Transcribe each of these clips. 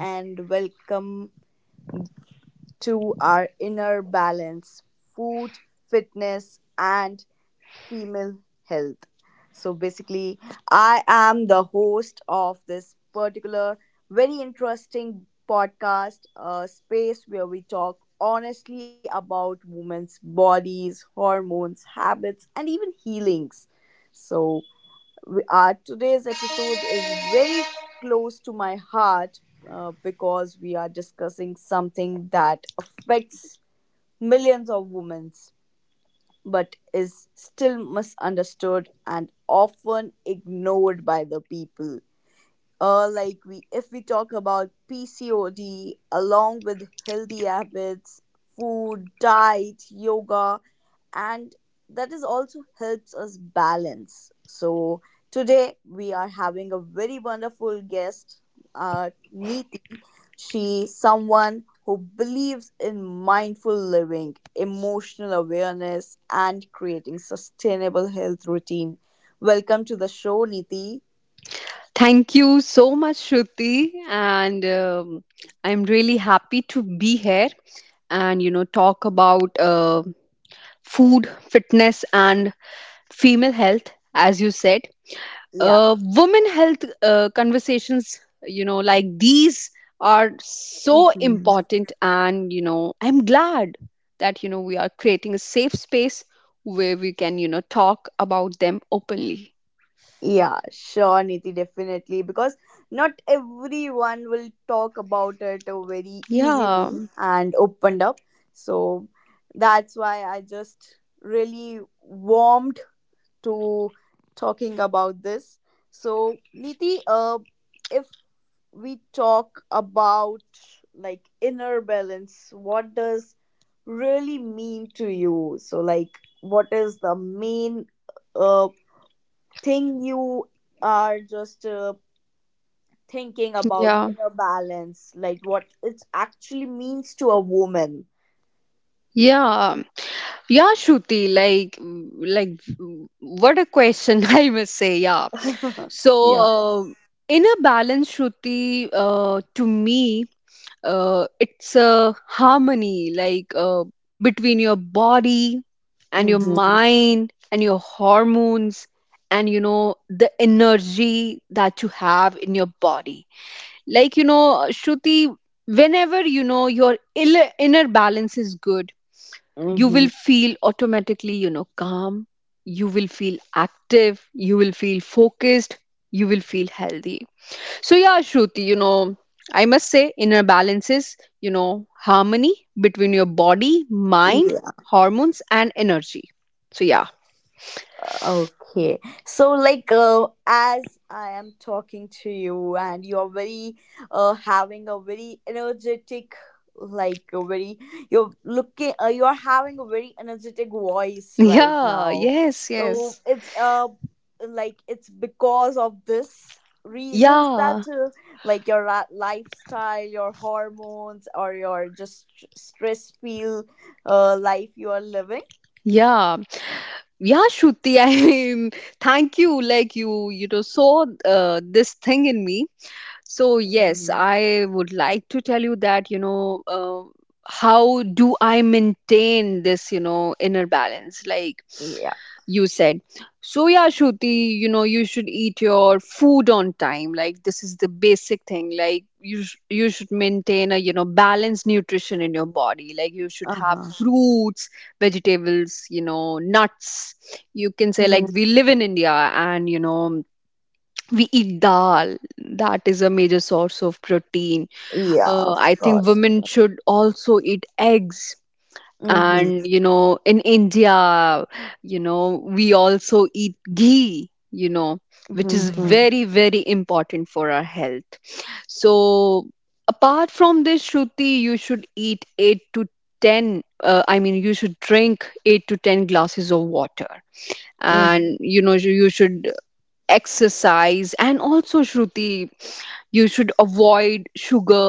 And welcome to our inner balance food, fitness, and female health. So, basically, I am the host of this particular very interesting podcast, a space where we talk honestly about women's bodies, hormones, habits, and even healings. So, our today's episode is very close to my heart because we are discussing something that affects millions of women but is still misunderstood and often ignored by the people, like we if we talk about pcod along with healthy habits, food, diet, yoga, and that is also helps us balance. So today we are having a very wonderful guest, uh, Neeti. She's someone who believes in mindful living, emotional awareness, and creating sustainable health routine. Welcome to the show, Neeti. Thank you so much, Shruti. And I'm really happy to be here and, you know, talk about food, fitness, and female health, as you said. Yeah. Women health conversations, you know, like these are so Mhm. important. And, you know, I'm glad that, you know, we are creating a safe space where we can, you know, talk about them openly. Yeah, sure, Niti, definitely. Because not everyone will talk about it very Yeah, easily and opened up. So that's why I just really warmed to talking about this. So, Niti, if we talk about like inner balance, what does really mean to you? So, like, what is the main uh? thing you are just thinking about yeah. inner balance, like what it actually means to a woman? Yeah, Yeah, Shruti, like, what a question, I must say. Yeah. So, Yeah. uh, in a balance, Shruti, to me, it's a harmony, like, between your body and your Mm-hmm. mind and your hormones and, you know, the energy that you have in your body. Like, you know, Shruti, whenever, you know, your inner balance is good, you Mm-hmm. will feel automatically, you know, calm. You will feel active, you will feel focused, you will feel healthy. So yeah, Shruti, you know, I must say inner balance is, you know, harmony between your body, mind, Yeah. hormones, and energy. So yeah. Okay. So like, as I am talking to you and you're very having a very energetic, like a very, you're looking, you're having a very energetic voice right yeah now. yes So yes it's like it's because of this reasons yeah that, like your lifestyle, your hormones, or your just stress feel, life you are living. yeah yeah. Shruti, I mean, thank you, like you know, saw this thing in me. So yes, Mhm. I would like to tell you that, you know, how do I maintain this, you know, inner balance? Like Yeah. you said. So yeah, Shruti, you know, you should eat your food on time. Like this is the basic thing. Like you should maintain a, you know, balanced nutrition in your body. Like you should have Uh-huh. fruits, vegetables, you know, nuts. You can say, like, Mhm. we live in India and, you know, we eat dal, that is a major source of protein. Yeah, of I think course. women should also eat eggs, Mm-hmm. and you know, in India, you know, we also eat ghee, you know, which is Mm-hmm. very, very important for our health. So apart from this, Shruti, you should eat 8 to 10, I mean, you should drink 8 to 10 glasses of water. Mm. And you know, you should exercise. And also, Shruti, you should avoid sugar,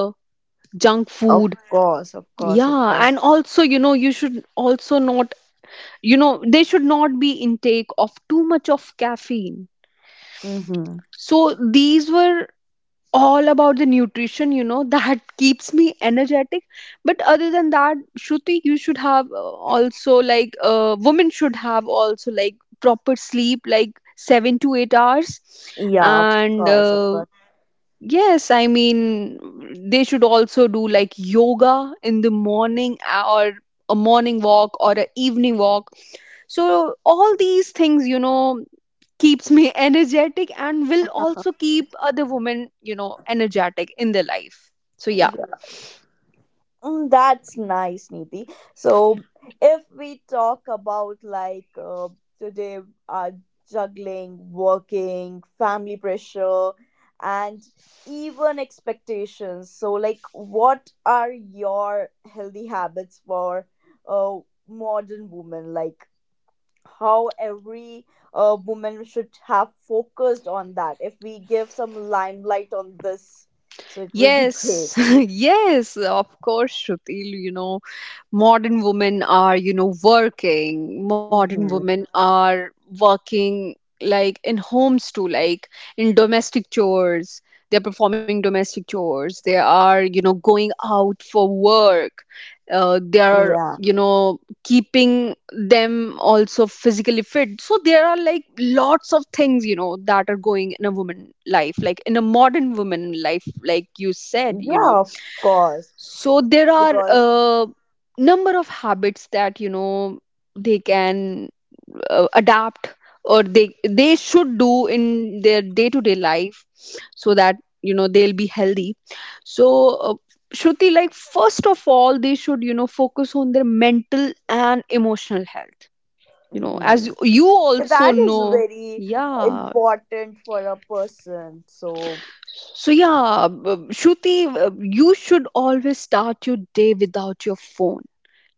junk Of food. course, of course, of Yeah, and course. also, you know, you should also not, you know, there should not be intake of too much of caffeine. Mm-hmm. So these were all about the nutrition, you know, that keeps me energetic. But other than that, Shruti, you should have also, like, women should have also, like, proper sleep, like 7 to 8 hours. Yeah, of And course, of course. Yes, I mean, they should also do, like, yoga in the morning, or a morning walk or an evening walk. So all these things, you know, keeps me energetic and will also keep other women, you know, energetic in their life. So yeah. Yeah. Mm, that's nice, Niti. So, if we talk about like, today, uh, juggling, working, family pressure, and even expectations. So, like, what are your healthy habits for a modern woman? Like, how every woman should have focused on that? If we give some limelight on this, so it will be great. Yes, yes, of course, Shrutil. You know, modern women are, you know, working. Modern Hmm. women are working like in homes too, like in domestic chores. They're performing domestic chores. They are, you know, going out for work. They are, Yeah, you know, keeping them also physically fit. So there are, like, lots of things, you know, that are going in a woman life, like in a modern woman life, like you said, you yeah, know. of course, So there are because a number of habits that, you know, they can adapt, or they should do in their day to day life, so that, you know, they'll be healthy. So uh, Shruti, like first of all, they should, you know, focus on their mental and emotional health, you know, as mhm, you also that is know. very Yeah. important for a person. So, So yeah, Shruti, uh, you should always start your day without your phone.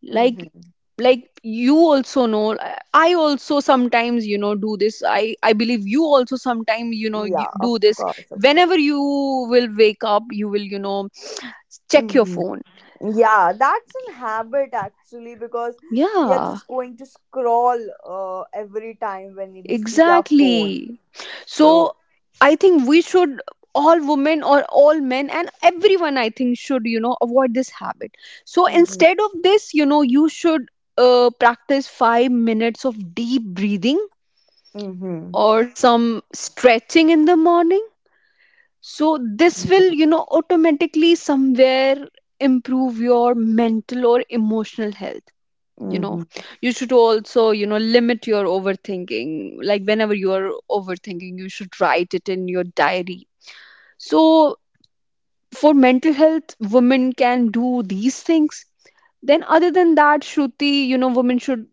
like mhm. like you also know, I also sometimes, you know, do this. I believe you also sometimes, you know, you Yeah, do of this. course, of course. Whenever you will wake up, you will, you know, check your Hmm. phone. Yeah, that's an habit actually because we are Yeah, just going to scroll every time when we see our phone. exactly. So So I think we should, all women or all men and everyone, I think should, you know, avoid this habit. So Mm-hmm. instead of this, you know, you should practice 5 minutes of deep breathing Mm-hmm. or some stretching in the morning. So, this will, you know, automatically somewhere improve your mental or emotional health. You know, Mm-hmm. you should also, you know, limit your overthinking. Like, whenever you are overthinking, you should write it in your diary. So, for mental health, women can do these things. Then, other than that, Shruti, you know, women should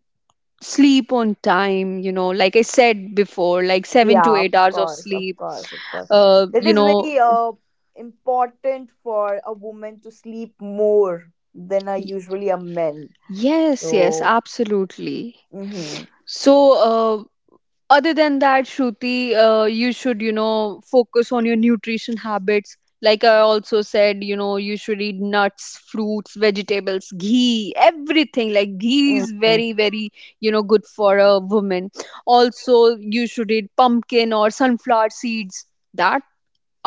sleep on time, you know, like I said before, like seven to Yeah, of eight hours of course, of sleep. course, of course. That You is know, very important for a woman to sleep more than are usually a man. yes, yes, So absolutely. mm-hmm. So uh, other than that, Shruti, you should, you know, focus on your nutrition habits, like I also said, you know, you should eat nuts, fruits, vegetables, ghee, everything. Like ghee is Mm-hmm. very, very, you know, good for a woman. Also, you should eat pumpkin or sunflower seeds, that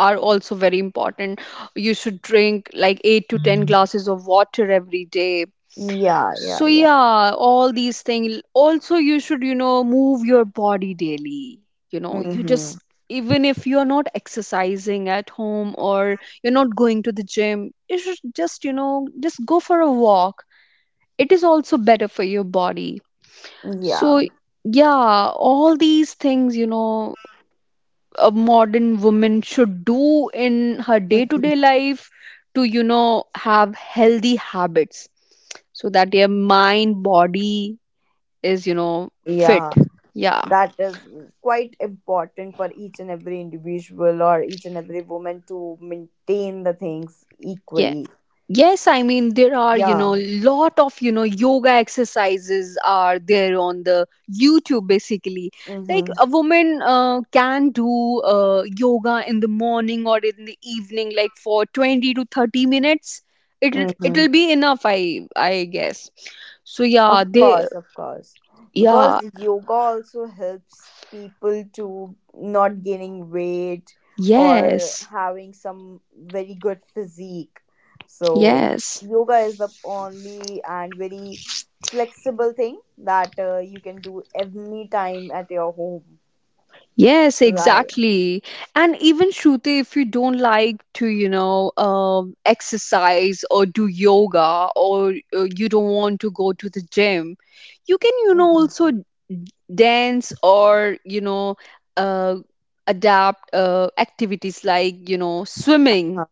are also very important. You should drink like 8 to 10 glasses of water every day. Yeah, yeah, So yeah. yeah, all these things. Also, you should, you know, move your body daily. You know, you Mm-hmm. just, even if you're not exercising at home or you're not going to the gym, you should just, you know, just go for a walk. It is also better for your body. So Yeah. yeah, all these things, you know, a modern woman should do in her day-to-day life to, you know, have healthy habits, so that their mind, body, is, you know, fit. Yeah, Yeah. that is quite important for each and every individual or each and every woman to maintain the things yeah equally. yes I mean, there are, you know, Yeah. lot of, you know, yoga exercises are there on the YouTube, basically. Like Mm-hmm. a woman can do yoga in the morning or in the evening, like for 20 to 30 minutes. it'll Mm-hmm. it'll be enough, I guess. So Of yeah, they, course, of course. Because yeah. yoga also helps people to not gaining weight or Yes, having some very good physique. So yes. yoga is the only and very flexible thing that, you can do any time at your home. Yes, Right. exactly. And even Shruti, if you don't like to, you know, exercise or do yoga, or you don't want to go to the gym, you can, you know, Mm-hmm. also dance, or, you know, uh, adapt activities like, you know, swimming,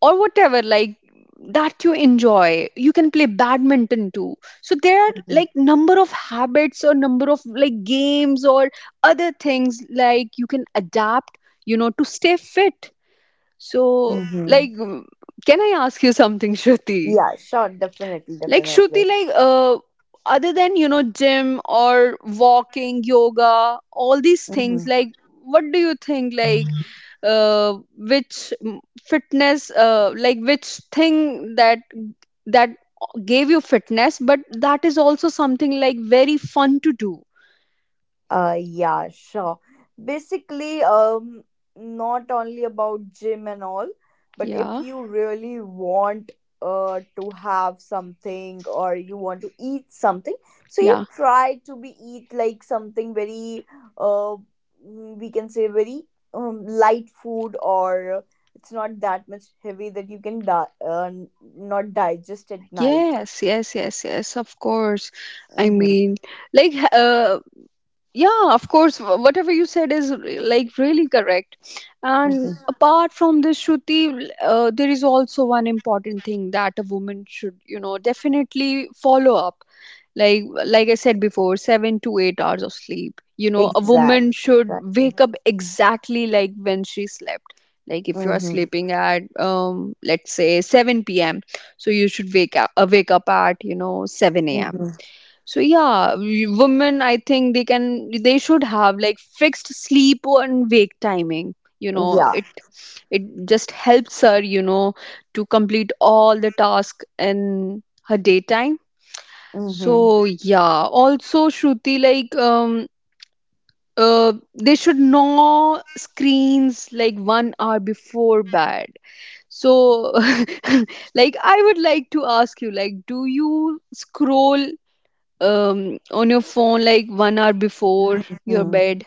or whatever, like that you enjoy. You can play badminton too. So there are, Mm-hmm. like, number of habits or number of, like, games or other things, like, you can adapt, you know, to stay fit. So, Mm-hmm. like, can I ask you something, Shruti? Yeah, sure, definitely, Like, Shruti, definitely. like, other than, you know, gym or walking, yoga, all these things. Mm-hmm. Like, what do you think? Like, which fitness? Like, which thing that that gave you fitness, but that is also something, like, very fun to do. Yeah, sure. Basically, not only about gym and all, but if Yeah, you really want to have something or you want to eat something, so you yeah. try to be eat like something very, uh we can say very, light food, or it's not that much heavy that you can not digest at night. Yes, yes, yes, yes, of course. I Mm-hmm, mean, like, yeah, of course, whatever you said is like really correct. And mm-hmm. apart from this, Shruti, there is also one important thing that a woman should, you know, definitely follow up. Like I said before, 7 to 8 hours of sleep, you know, a woman Exactly, should exactly. wake up exactly like when she slept. Like if you are Mm-hmm, sleeping at let's say 7 p.m., so you should wake up, wake up at, you know, 7 a.m. mm-hmm. So yeah, women, I think they can, they should have like fixed sleep and wake timing. You know, Yeah. It just helps her, you know, to complete all the task in her daytime. Mm-hmm. So yeah, also Shruti, like, uh, they should know screens like 1 hour before bed. So like I would like to ask you, like, do you scroll on your phone like 1 hour before your Mm-hmm. bed.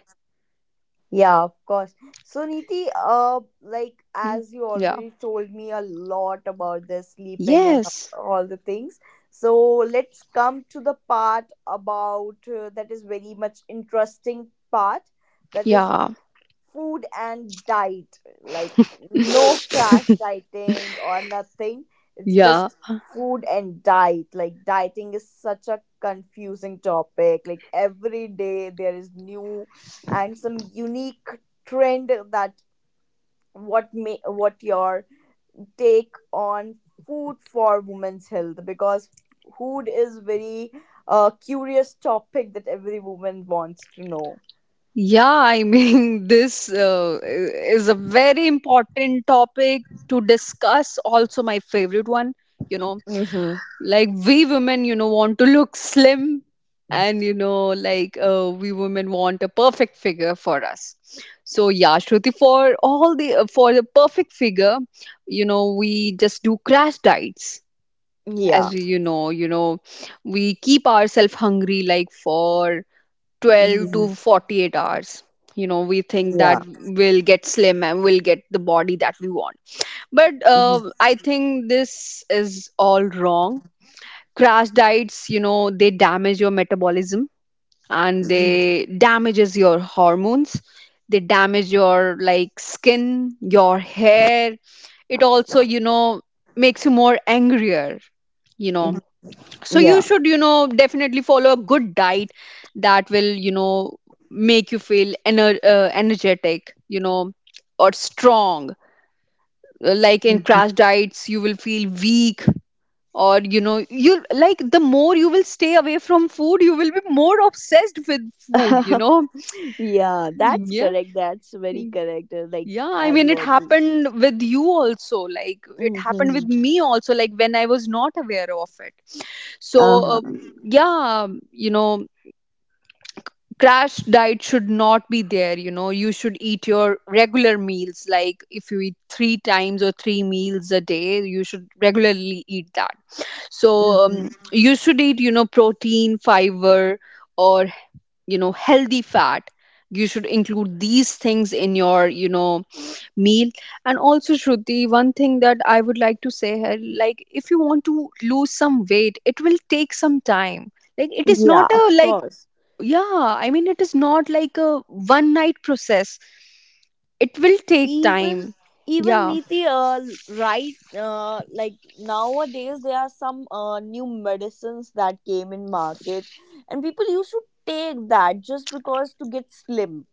Yeah, of course. So, Niti, like Yeah. as you Yeah. already told me a lot about the sleeping and Yes. all the things, so let's come to the part about, that is very much interesting part, that is Yeah. food and diet. Like no crash dieting or nothing. It's yeah. just food and diet. Like dieting is such a confusing topic. Like every day there is new and some unique trend that what may what your take on food for women's health, because food is very curious topic that every woman wants to know. Yeah. I mean, this is a very important topic to discuss. Also, my favorite one. You know, Hmm. like we women, want to look slim, and like we women want a perfect figure for us. So yeah, Shruti, for all the for the perfect figure, we just do crash diets. Yeah. As you know, we keep ourselves hungry like for 12 to Mhm. 48 hours. We think Yeah. that we'll get slim and we'll get the body that we want, but Mhm. I think this is all wrong. Crash diets, they damage your metabolism, and Mhm. they damages your hormones. They damage your like skin, your hair. It also makes you more angrier you know Mhm. so you Yeah. should, definitely follow a good diet that will, make you feel energetic, or strong. Like in Mhm. crash diets you will feel weak. Or you like the more you will stay away from food, you will be more obsessed with food you know Yeah, that's Yeah, correct, that's very correct, like yeah. i as mean you it already happened with you also, like it happened with mm-hmm. me also, like when I was not aware of it. So Uh-huh. Yeah, crash diet should not be there. You should eat your regular meals, like if you eat three times or three meals a day, you should regularly eat that. So Hmm. you should eat, protein, fiber, or healthy fat. You should include these things in your, meal. And also Shruti, one thing that I would like to say here, like if you want to lose some weight, it will take some time. Like it is Yeah, not a of like, course. yeah, I mean, it is not like a one night process. It will take Even time. even Yeah, Niti, right, like nowadays there are some, new medicines that came in market, and people used to take that just because to get slim,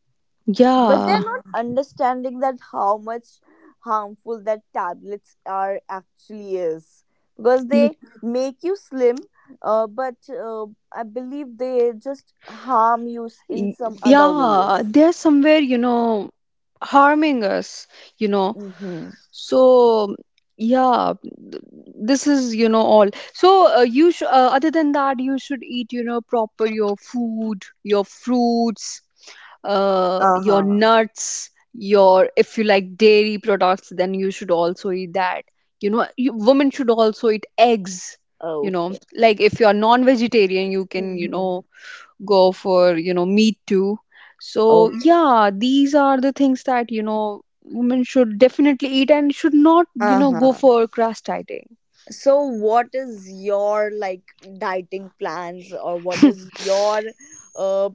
but yeah. they're not Mhm. understanding that how much harmful that tablets are actually is, because they make you slim, but I believe they just harm you in Y- some other Yeah, ways. they're somewhere, harming us, you know. Mm-hmm. So, yeah, this is all. So, other than that, you should eat, proper your food, your fruits, Uh your huh. nuts, your, if you like dairy products, then you should also eat that. You, women should also eat eggs, Okay. like if you're non-vegetarian, you can, Mhm. Go for me too. So Okay. yeah, these are the things that, women should definitely eat and should not, Uh go huh. for crash dieting. So, what is your like dieting plans, or what is your uh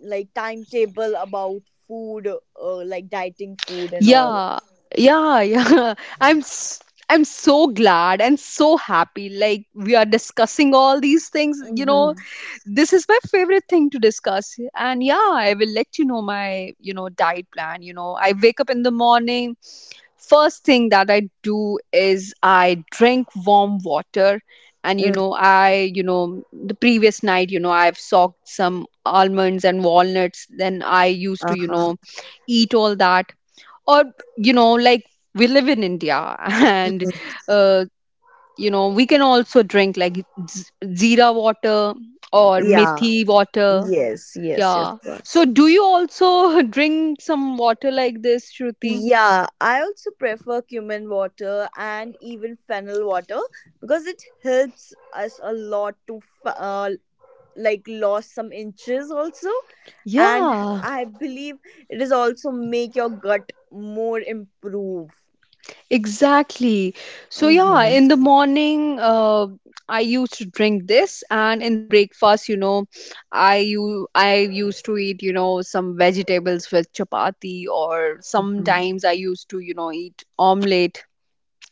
like timetable about food, like dieting food and all? Yeah, yeah. Yeah, i'm s- I'm so glad and so happy like we are discussing all these things, Mm-hmm. this is my favorite thing to discuss. And yeah, I will let you know my, diet plan. I wake up in the morning. First thing that I do is I drink warm water. And I, the previous night, I've soaked some almonds and walnuts, then I used to, Uh huh. Eat all that. Or, like we live in India and uh, we can also drink like zira water or Yeah. methi water. Yes. Yes. Yes. Yeah. Yes. So do you also drink some water like this, Shruti? Yeah, I also prefer cumin water and even fennel water, because it helps us a lot to f- uh, like lost some inches also, and Yeah. I believe it is also make your gut more improve. Exactly. So yeah, Mm-hmm. in the morning, I used to drink this, and in the breakfast, I used to eat, some vegetables with chapati, or Mm-hmm. sometimes I used to, eat omelette.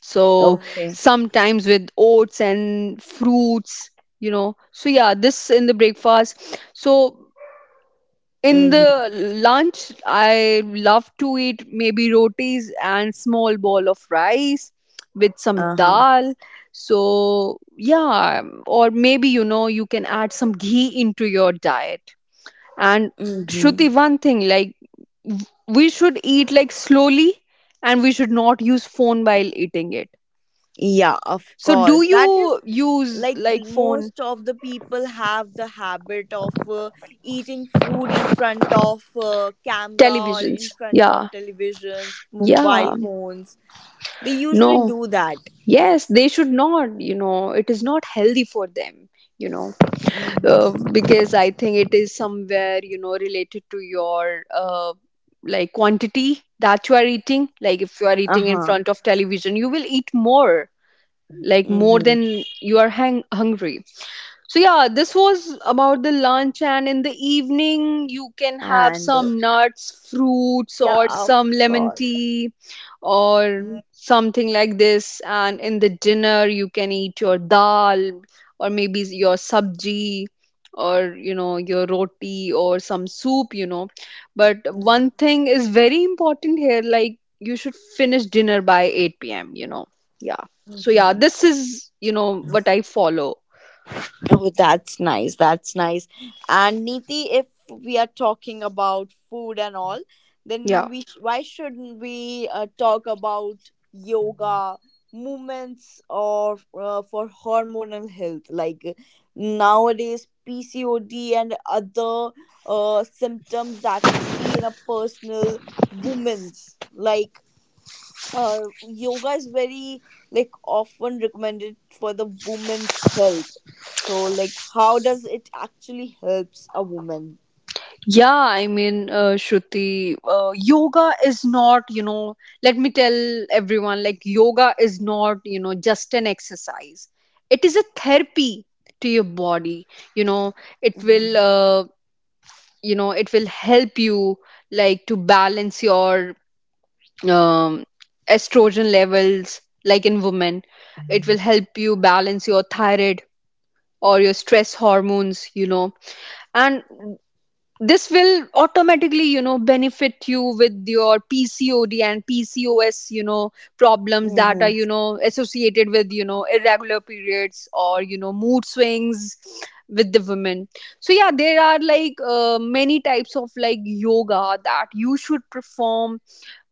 So Okay. sometimes with oats and fruits. So yeah, this in the breakfast. So in Mm-hmm. the lunch, I love to eat maybe rotis and small bowl of rice with some Uh-huh. dal. So yeah, or maybe, you can add some ghee into your diet. And Mm-hmm. Shruti, one thing like we should eat like slowly, and we should not use phone while eating it. Yeah, of So do course, that is you use like like phone, most of the people have the habit of, eating food in front of, camera or televisions? in front Yeah, of televisions, mobile yeah. phones. They usually do No. that. Yes, they should not, it is not healthy for them, you know, Mm-hmm. Because I think it is somewhere, related to your like quantity that you are eating. Like if you are eating in Uh-huh. front of television, you will eat more, like more Mm-hmm. than you are hungry. So yeah, this was about the lunch, and in the evening you can have And some nuts, fruits, yeah, or of some lemon course. tea, or something like this. And in the dinner you can eat your dal, or maybe your sabji, or, your roti or some soup. But one thing is very important here, like you should finish dinner by 8 p.m. Yeah. So yeah, Mhm. this is, what I follow. Oh, that's nice. That's nice. And Neeti, if we are talking about food and all, then Yeah. Why shouldn't we talk about yoga movements or, for hormonal health? Like, nowadays, PCOD and other, symptoms that we see in a personal women's, like, uh, yoga is very like often recommended for the woman's health. So like how does it actually helps a woman? Yeah, I mean, Shruti, yoga is not, let me tell everyone, like, yoga is not, just an exercise. It is a therapy to your body. You know, it Mm-hmm. will, uh, it will help you like to balance your um, estrogen levels, like in women. It will help you balance your thyroid or your stress hormones. And this will automatically, benefit you with your PCOD and PCOS, problems that are, Mm-hmm. Associated with, irregular periods, or, mood swings with the women. So yeah, there are like, many types of like yoga that you should perform.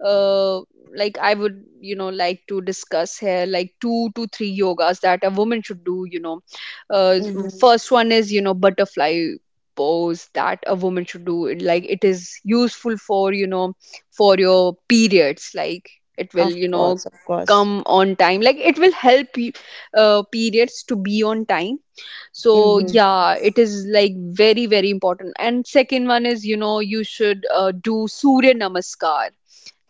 uh, like I would, like to discuss here, like two to three yogas that a woman should do, uh, Mm-hmm. First one is, butterfly pose that a woman should do. Like it is useful for, for your periods, like it will, Of course, of course. come on time, like it will help you, periods to be on time. So Mm-hmm. yeah, it is like very very important. And second one is, you should, do surya namaskar.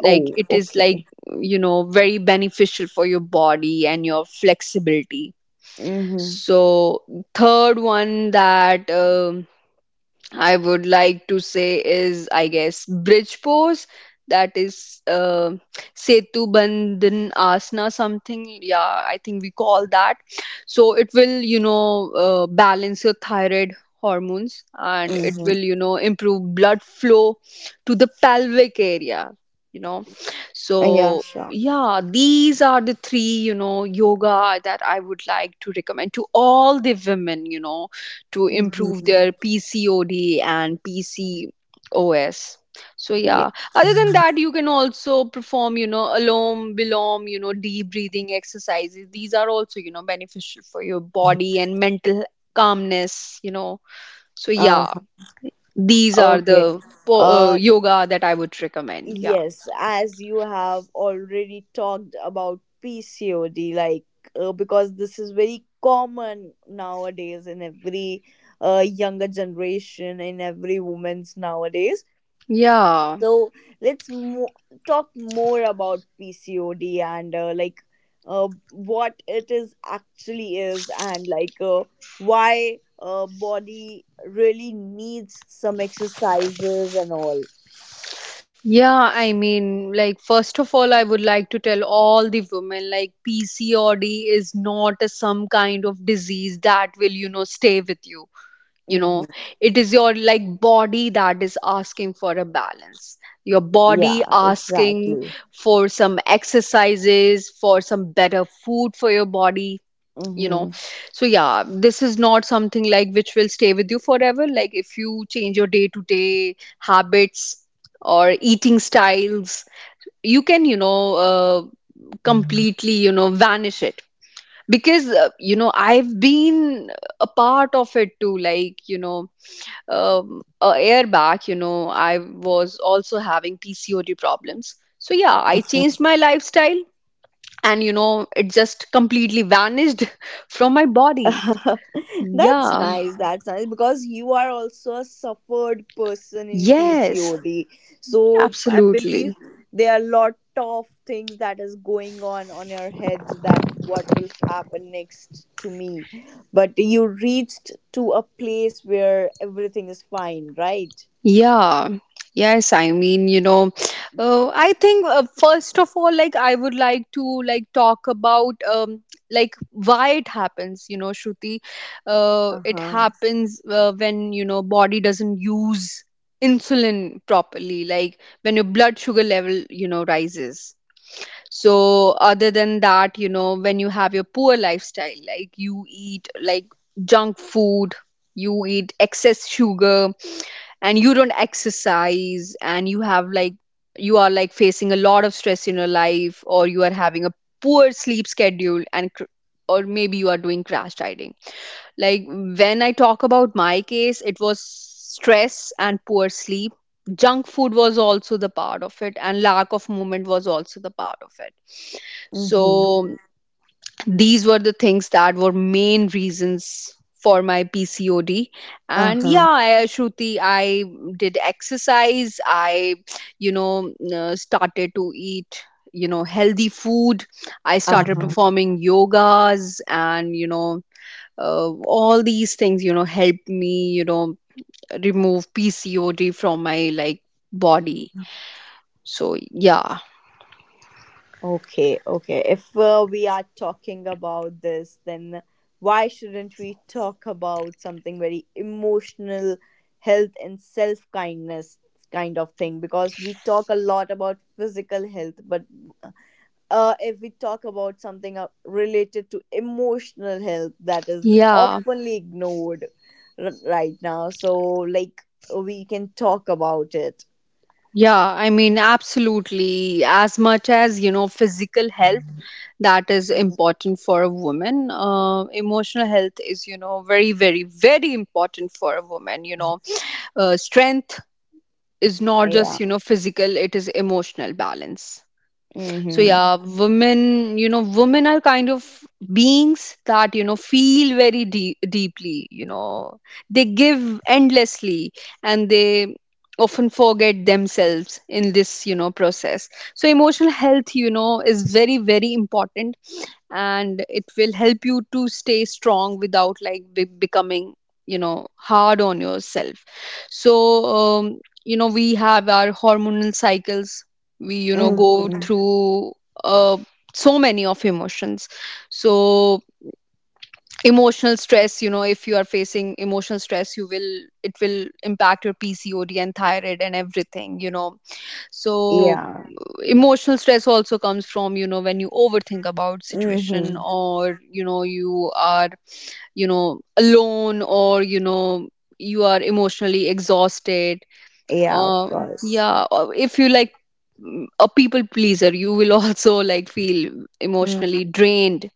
Oh, Like it is like, okay. Very beneficial for your body and your flexibility. Mm-hmm. So third one that, I would like to say is, I guess, bridge pose. That is, setu bandhan asana, something, yeah, I think we call that. So it will, balance your thyroid hormones. And it Mm-hmm. will, improve blood flow to the pelvic area, you know Yeah, so, sure. yeah, these are the three, yoga that I would like to recommend to all the women, to improve Mm-hmm. their PCOD and PCOS. So, Yeah. yeah, other than that, you can also perform, alom, bilom, deep breathing exercises. These are also, beneficial for your body and mental calmness. So, uh yeah, these are okay. the uh yoga that I would recommend. Yeah. Yes, as you have already talked about PCOD, like, because this is very common nowadays in every, younger generation, in every woman's nowadays. Yeah. So let's mo- talk more about PCOD and, like, what it is actually is, and like, why, body really needs some exercises and all. Yeah, I mean, like, first of all, I would like to tell all the women like PCOD is not a, some kind of disease that will, stay with you. You Mm-hmm. know, it is your like body that is asking for a balance, your body Yeah, asking exactly. for some exercises, for some better food for your body you know Hmm. so yeah, this is not something like which will stay with you forever. Like if you change your day to day habits or eating styles, you can, uh, completely, vanish it. Because I've been a part of it too, like, a year back, I was also having PCOD problems. So yeah, I changed my lifestyle, and, it just completely vanished from my body. That's Yeah. nice. That's nice because you are also a suffered person in Yes. PCOD. So I believe Absolutely. there are a lot of things that is going on your head that what will happen next to me. But you reached to a place where everything is fine, right? Yeah. Yes, I mean, I think, first of all, like I would like to like talk about, like why it happens. Shruti, Uh it huh. happens, when, body doesn't use insulin properly, like when your blood sugar level, rises. So, other than that, when you have your poor lifestyle, like you eat like junk food, you eat excess sugar, and you don't exercise, and you have like, you are like facing a lot of stress in your life, or you are having a poor sleep schedule, and or maybe you are doing crash dieting. Like when I talk about my case, it was stress and poor sleep. Junk food was also the part of it, and lack of movement was also the part of it. Mm-hmm. So these were the things that were main reasons for my PCOD. Uh And yeah, huh. I, Shruti, I did exercise. I, started to eat, healthy food. I Uh started huh. performing yogas and, all these things, helped me, remove PCOD from my like body. So yeah. Okay, okay. If, we are talking about this, then why shouldn't we talk about something very emotional health and self kindness kind of thing? Because we talk a lot about physical health, but, if we talk about something, related to emotional health, that is Yeah. oftenly ignored right now. So, like, we can talk about it. Yeah, I mean, absolutely. As much as, physical health that is important for a woman, emotional health is, very, very, very important for a woman. Strength is not Yeah. just, physical, it is emotional balance. So Mm-hmm. yeah, women, women are kind of beings that, feel very deep, deeply. They give endlessly, and they often forget themselves in this, process. So emotional health, is very very important, and it will help you to stay strong without like becoming, hard on yourself. So um, we have our hormonal cycles. We, go Mm-hmm. through, uh, so many of emotions. So emotional stress, if you are facing emotional stress, you will it will impact your PCOD and thyroid and everything, so Yeah. emotional stress also comes from, when you overthink about situation, Mm-hmm. or, you are, alone, or, you are emotionally exhausted. Yeah, of uh, course. yeah, or if you like, a people pleaser, you will also like feel emotionally drained.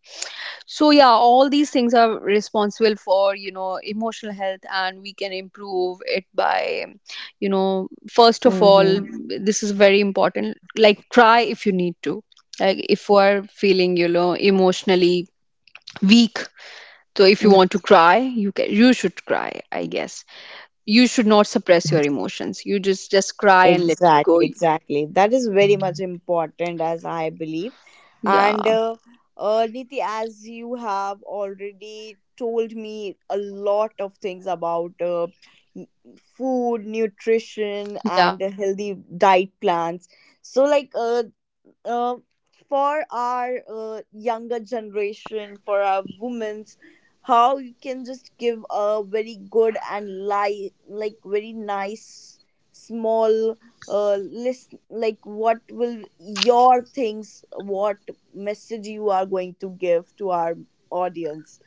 So yeah, all these things are responsible for, emotional health, and we can improve it by, first of all, Mm-hmm. this is very important, like cry if you need to, like if you are feeling, emotionally weak. So if you want to cry, you can, you should cry, I guess. You should not suppress your emotions. You just cry and let it Exactly, go. exactly. That is very much important, as I believe. And, Yeah, Niti, as you have already told me a lot of things about, n- food, nutrition, yeah. and, healthy diet plans. So, like, uh, for our, younger generation, for our women's, how you can just give a very good and like very nice small list, like what will your things, what message you are going to give to our audience?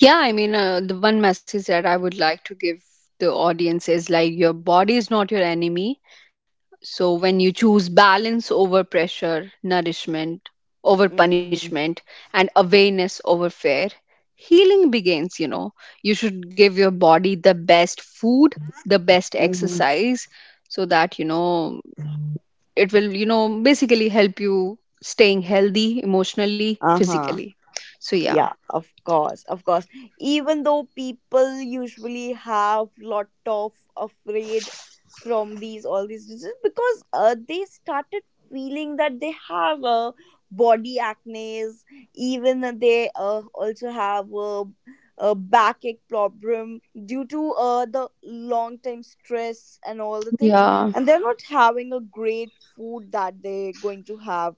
Yeah, I mean, the one message that I would like to give the audience is, like, your body is not your enemy. So when you choose balance over pressure, nourishment over Mm-hmm. punishment, and awareness over fear, healing begins. You should give your body the best food, the best Mm-hmm. exercise, so that, it will, basically help you staying healthy, emotionally, Uh-huh. physically. So, yeah. Yeah, of course, of course. Even though people usually have lot of afraid from these all these diseases, because, they started feeling that they have, body acne, even that they, also have, a backache problem due to, the long time stress and all the things, and Yeah. they're not having a great food that they're going to have,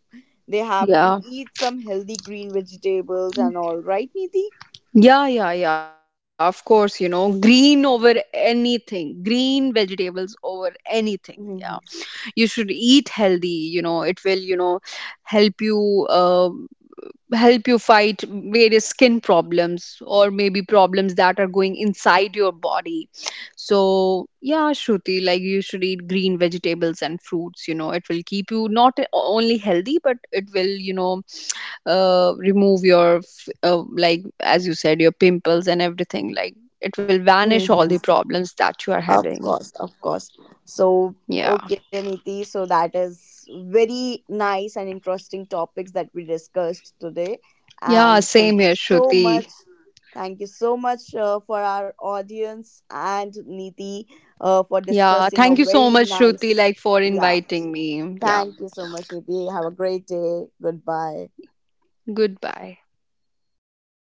they have to Yeah. eat some healthy green vegetables and all, right, Niti? Yeah, yeah, yeah. Of course, green over anything, green vegetables over anything. Yeah, Mm-hmm. you should eat healthy. It will, help you. um help you fight various skin problems, or maybe problems that are going inside your body. So yeah, Shruti, like you should eat green vegetables and fruits. It will keep you not only healthy, but it will, remove your like, as you said, your pimples and everything. Like it will vanish all Mm-hmm. the problems that you are Of having. course, of course. So, Yeah. okay, Niti. So that is very nice and interesting topics that we discussed today. Yeah, And same thank you here, so Shruti. much. Thank you so much, for our audience and Niti, for Yeah, discussing a thank you so very much, Shruti, nice. like for Yeah. inviting me. Yeah, Thank you so much, Niti. Have a great day. Goodbye. goodbye.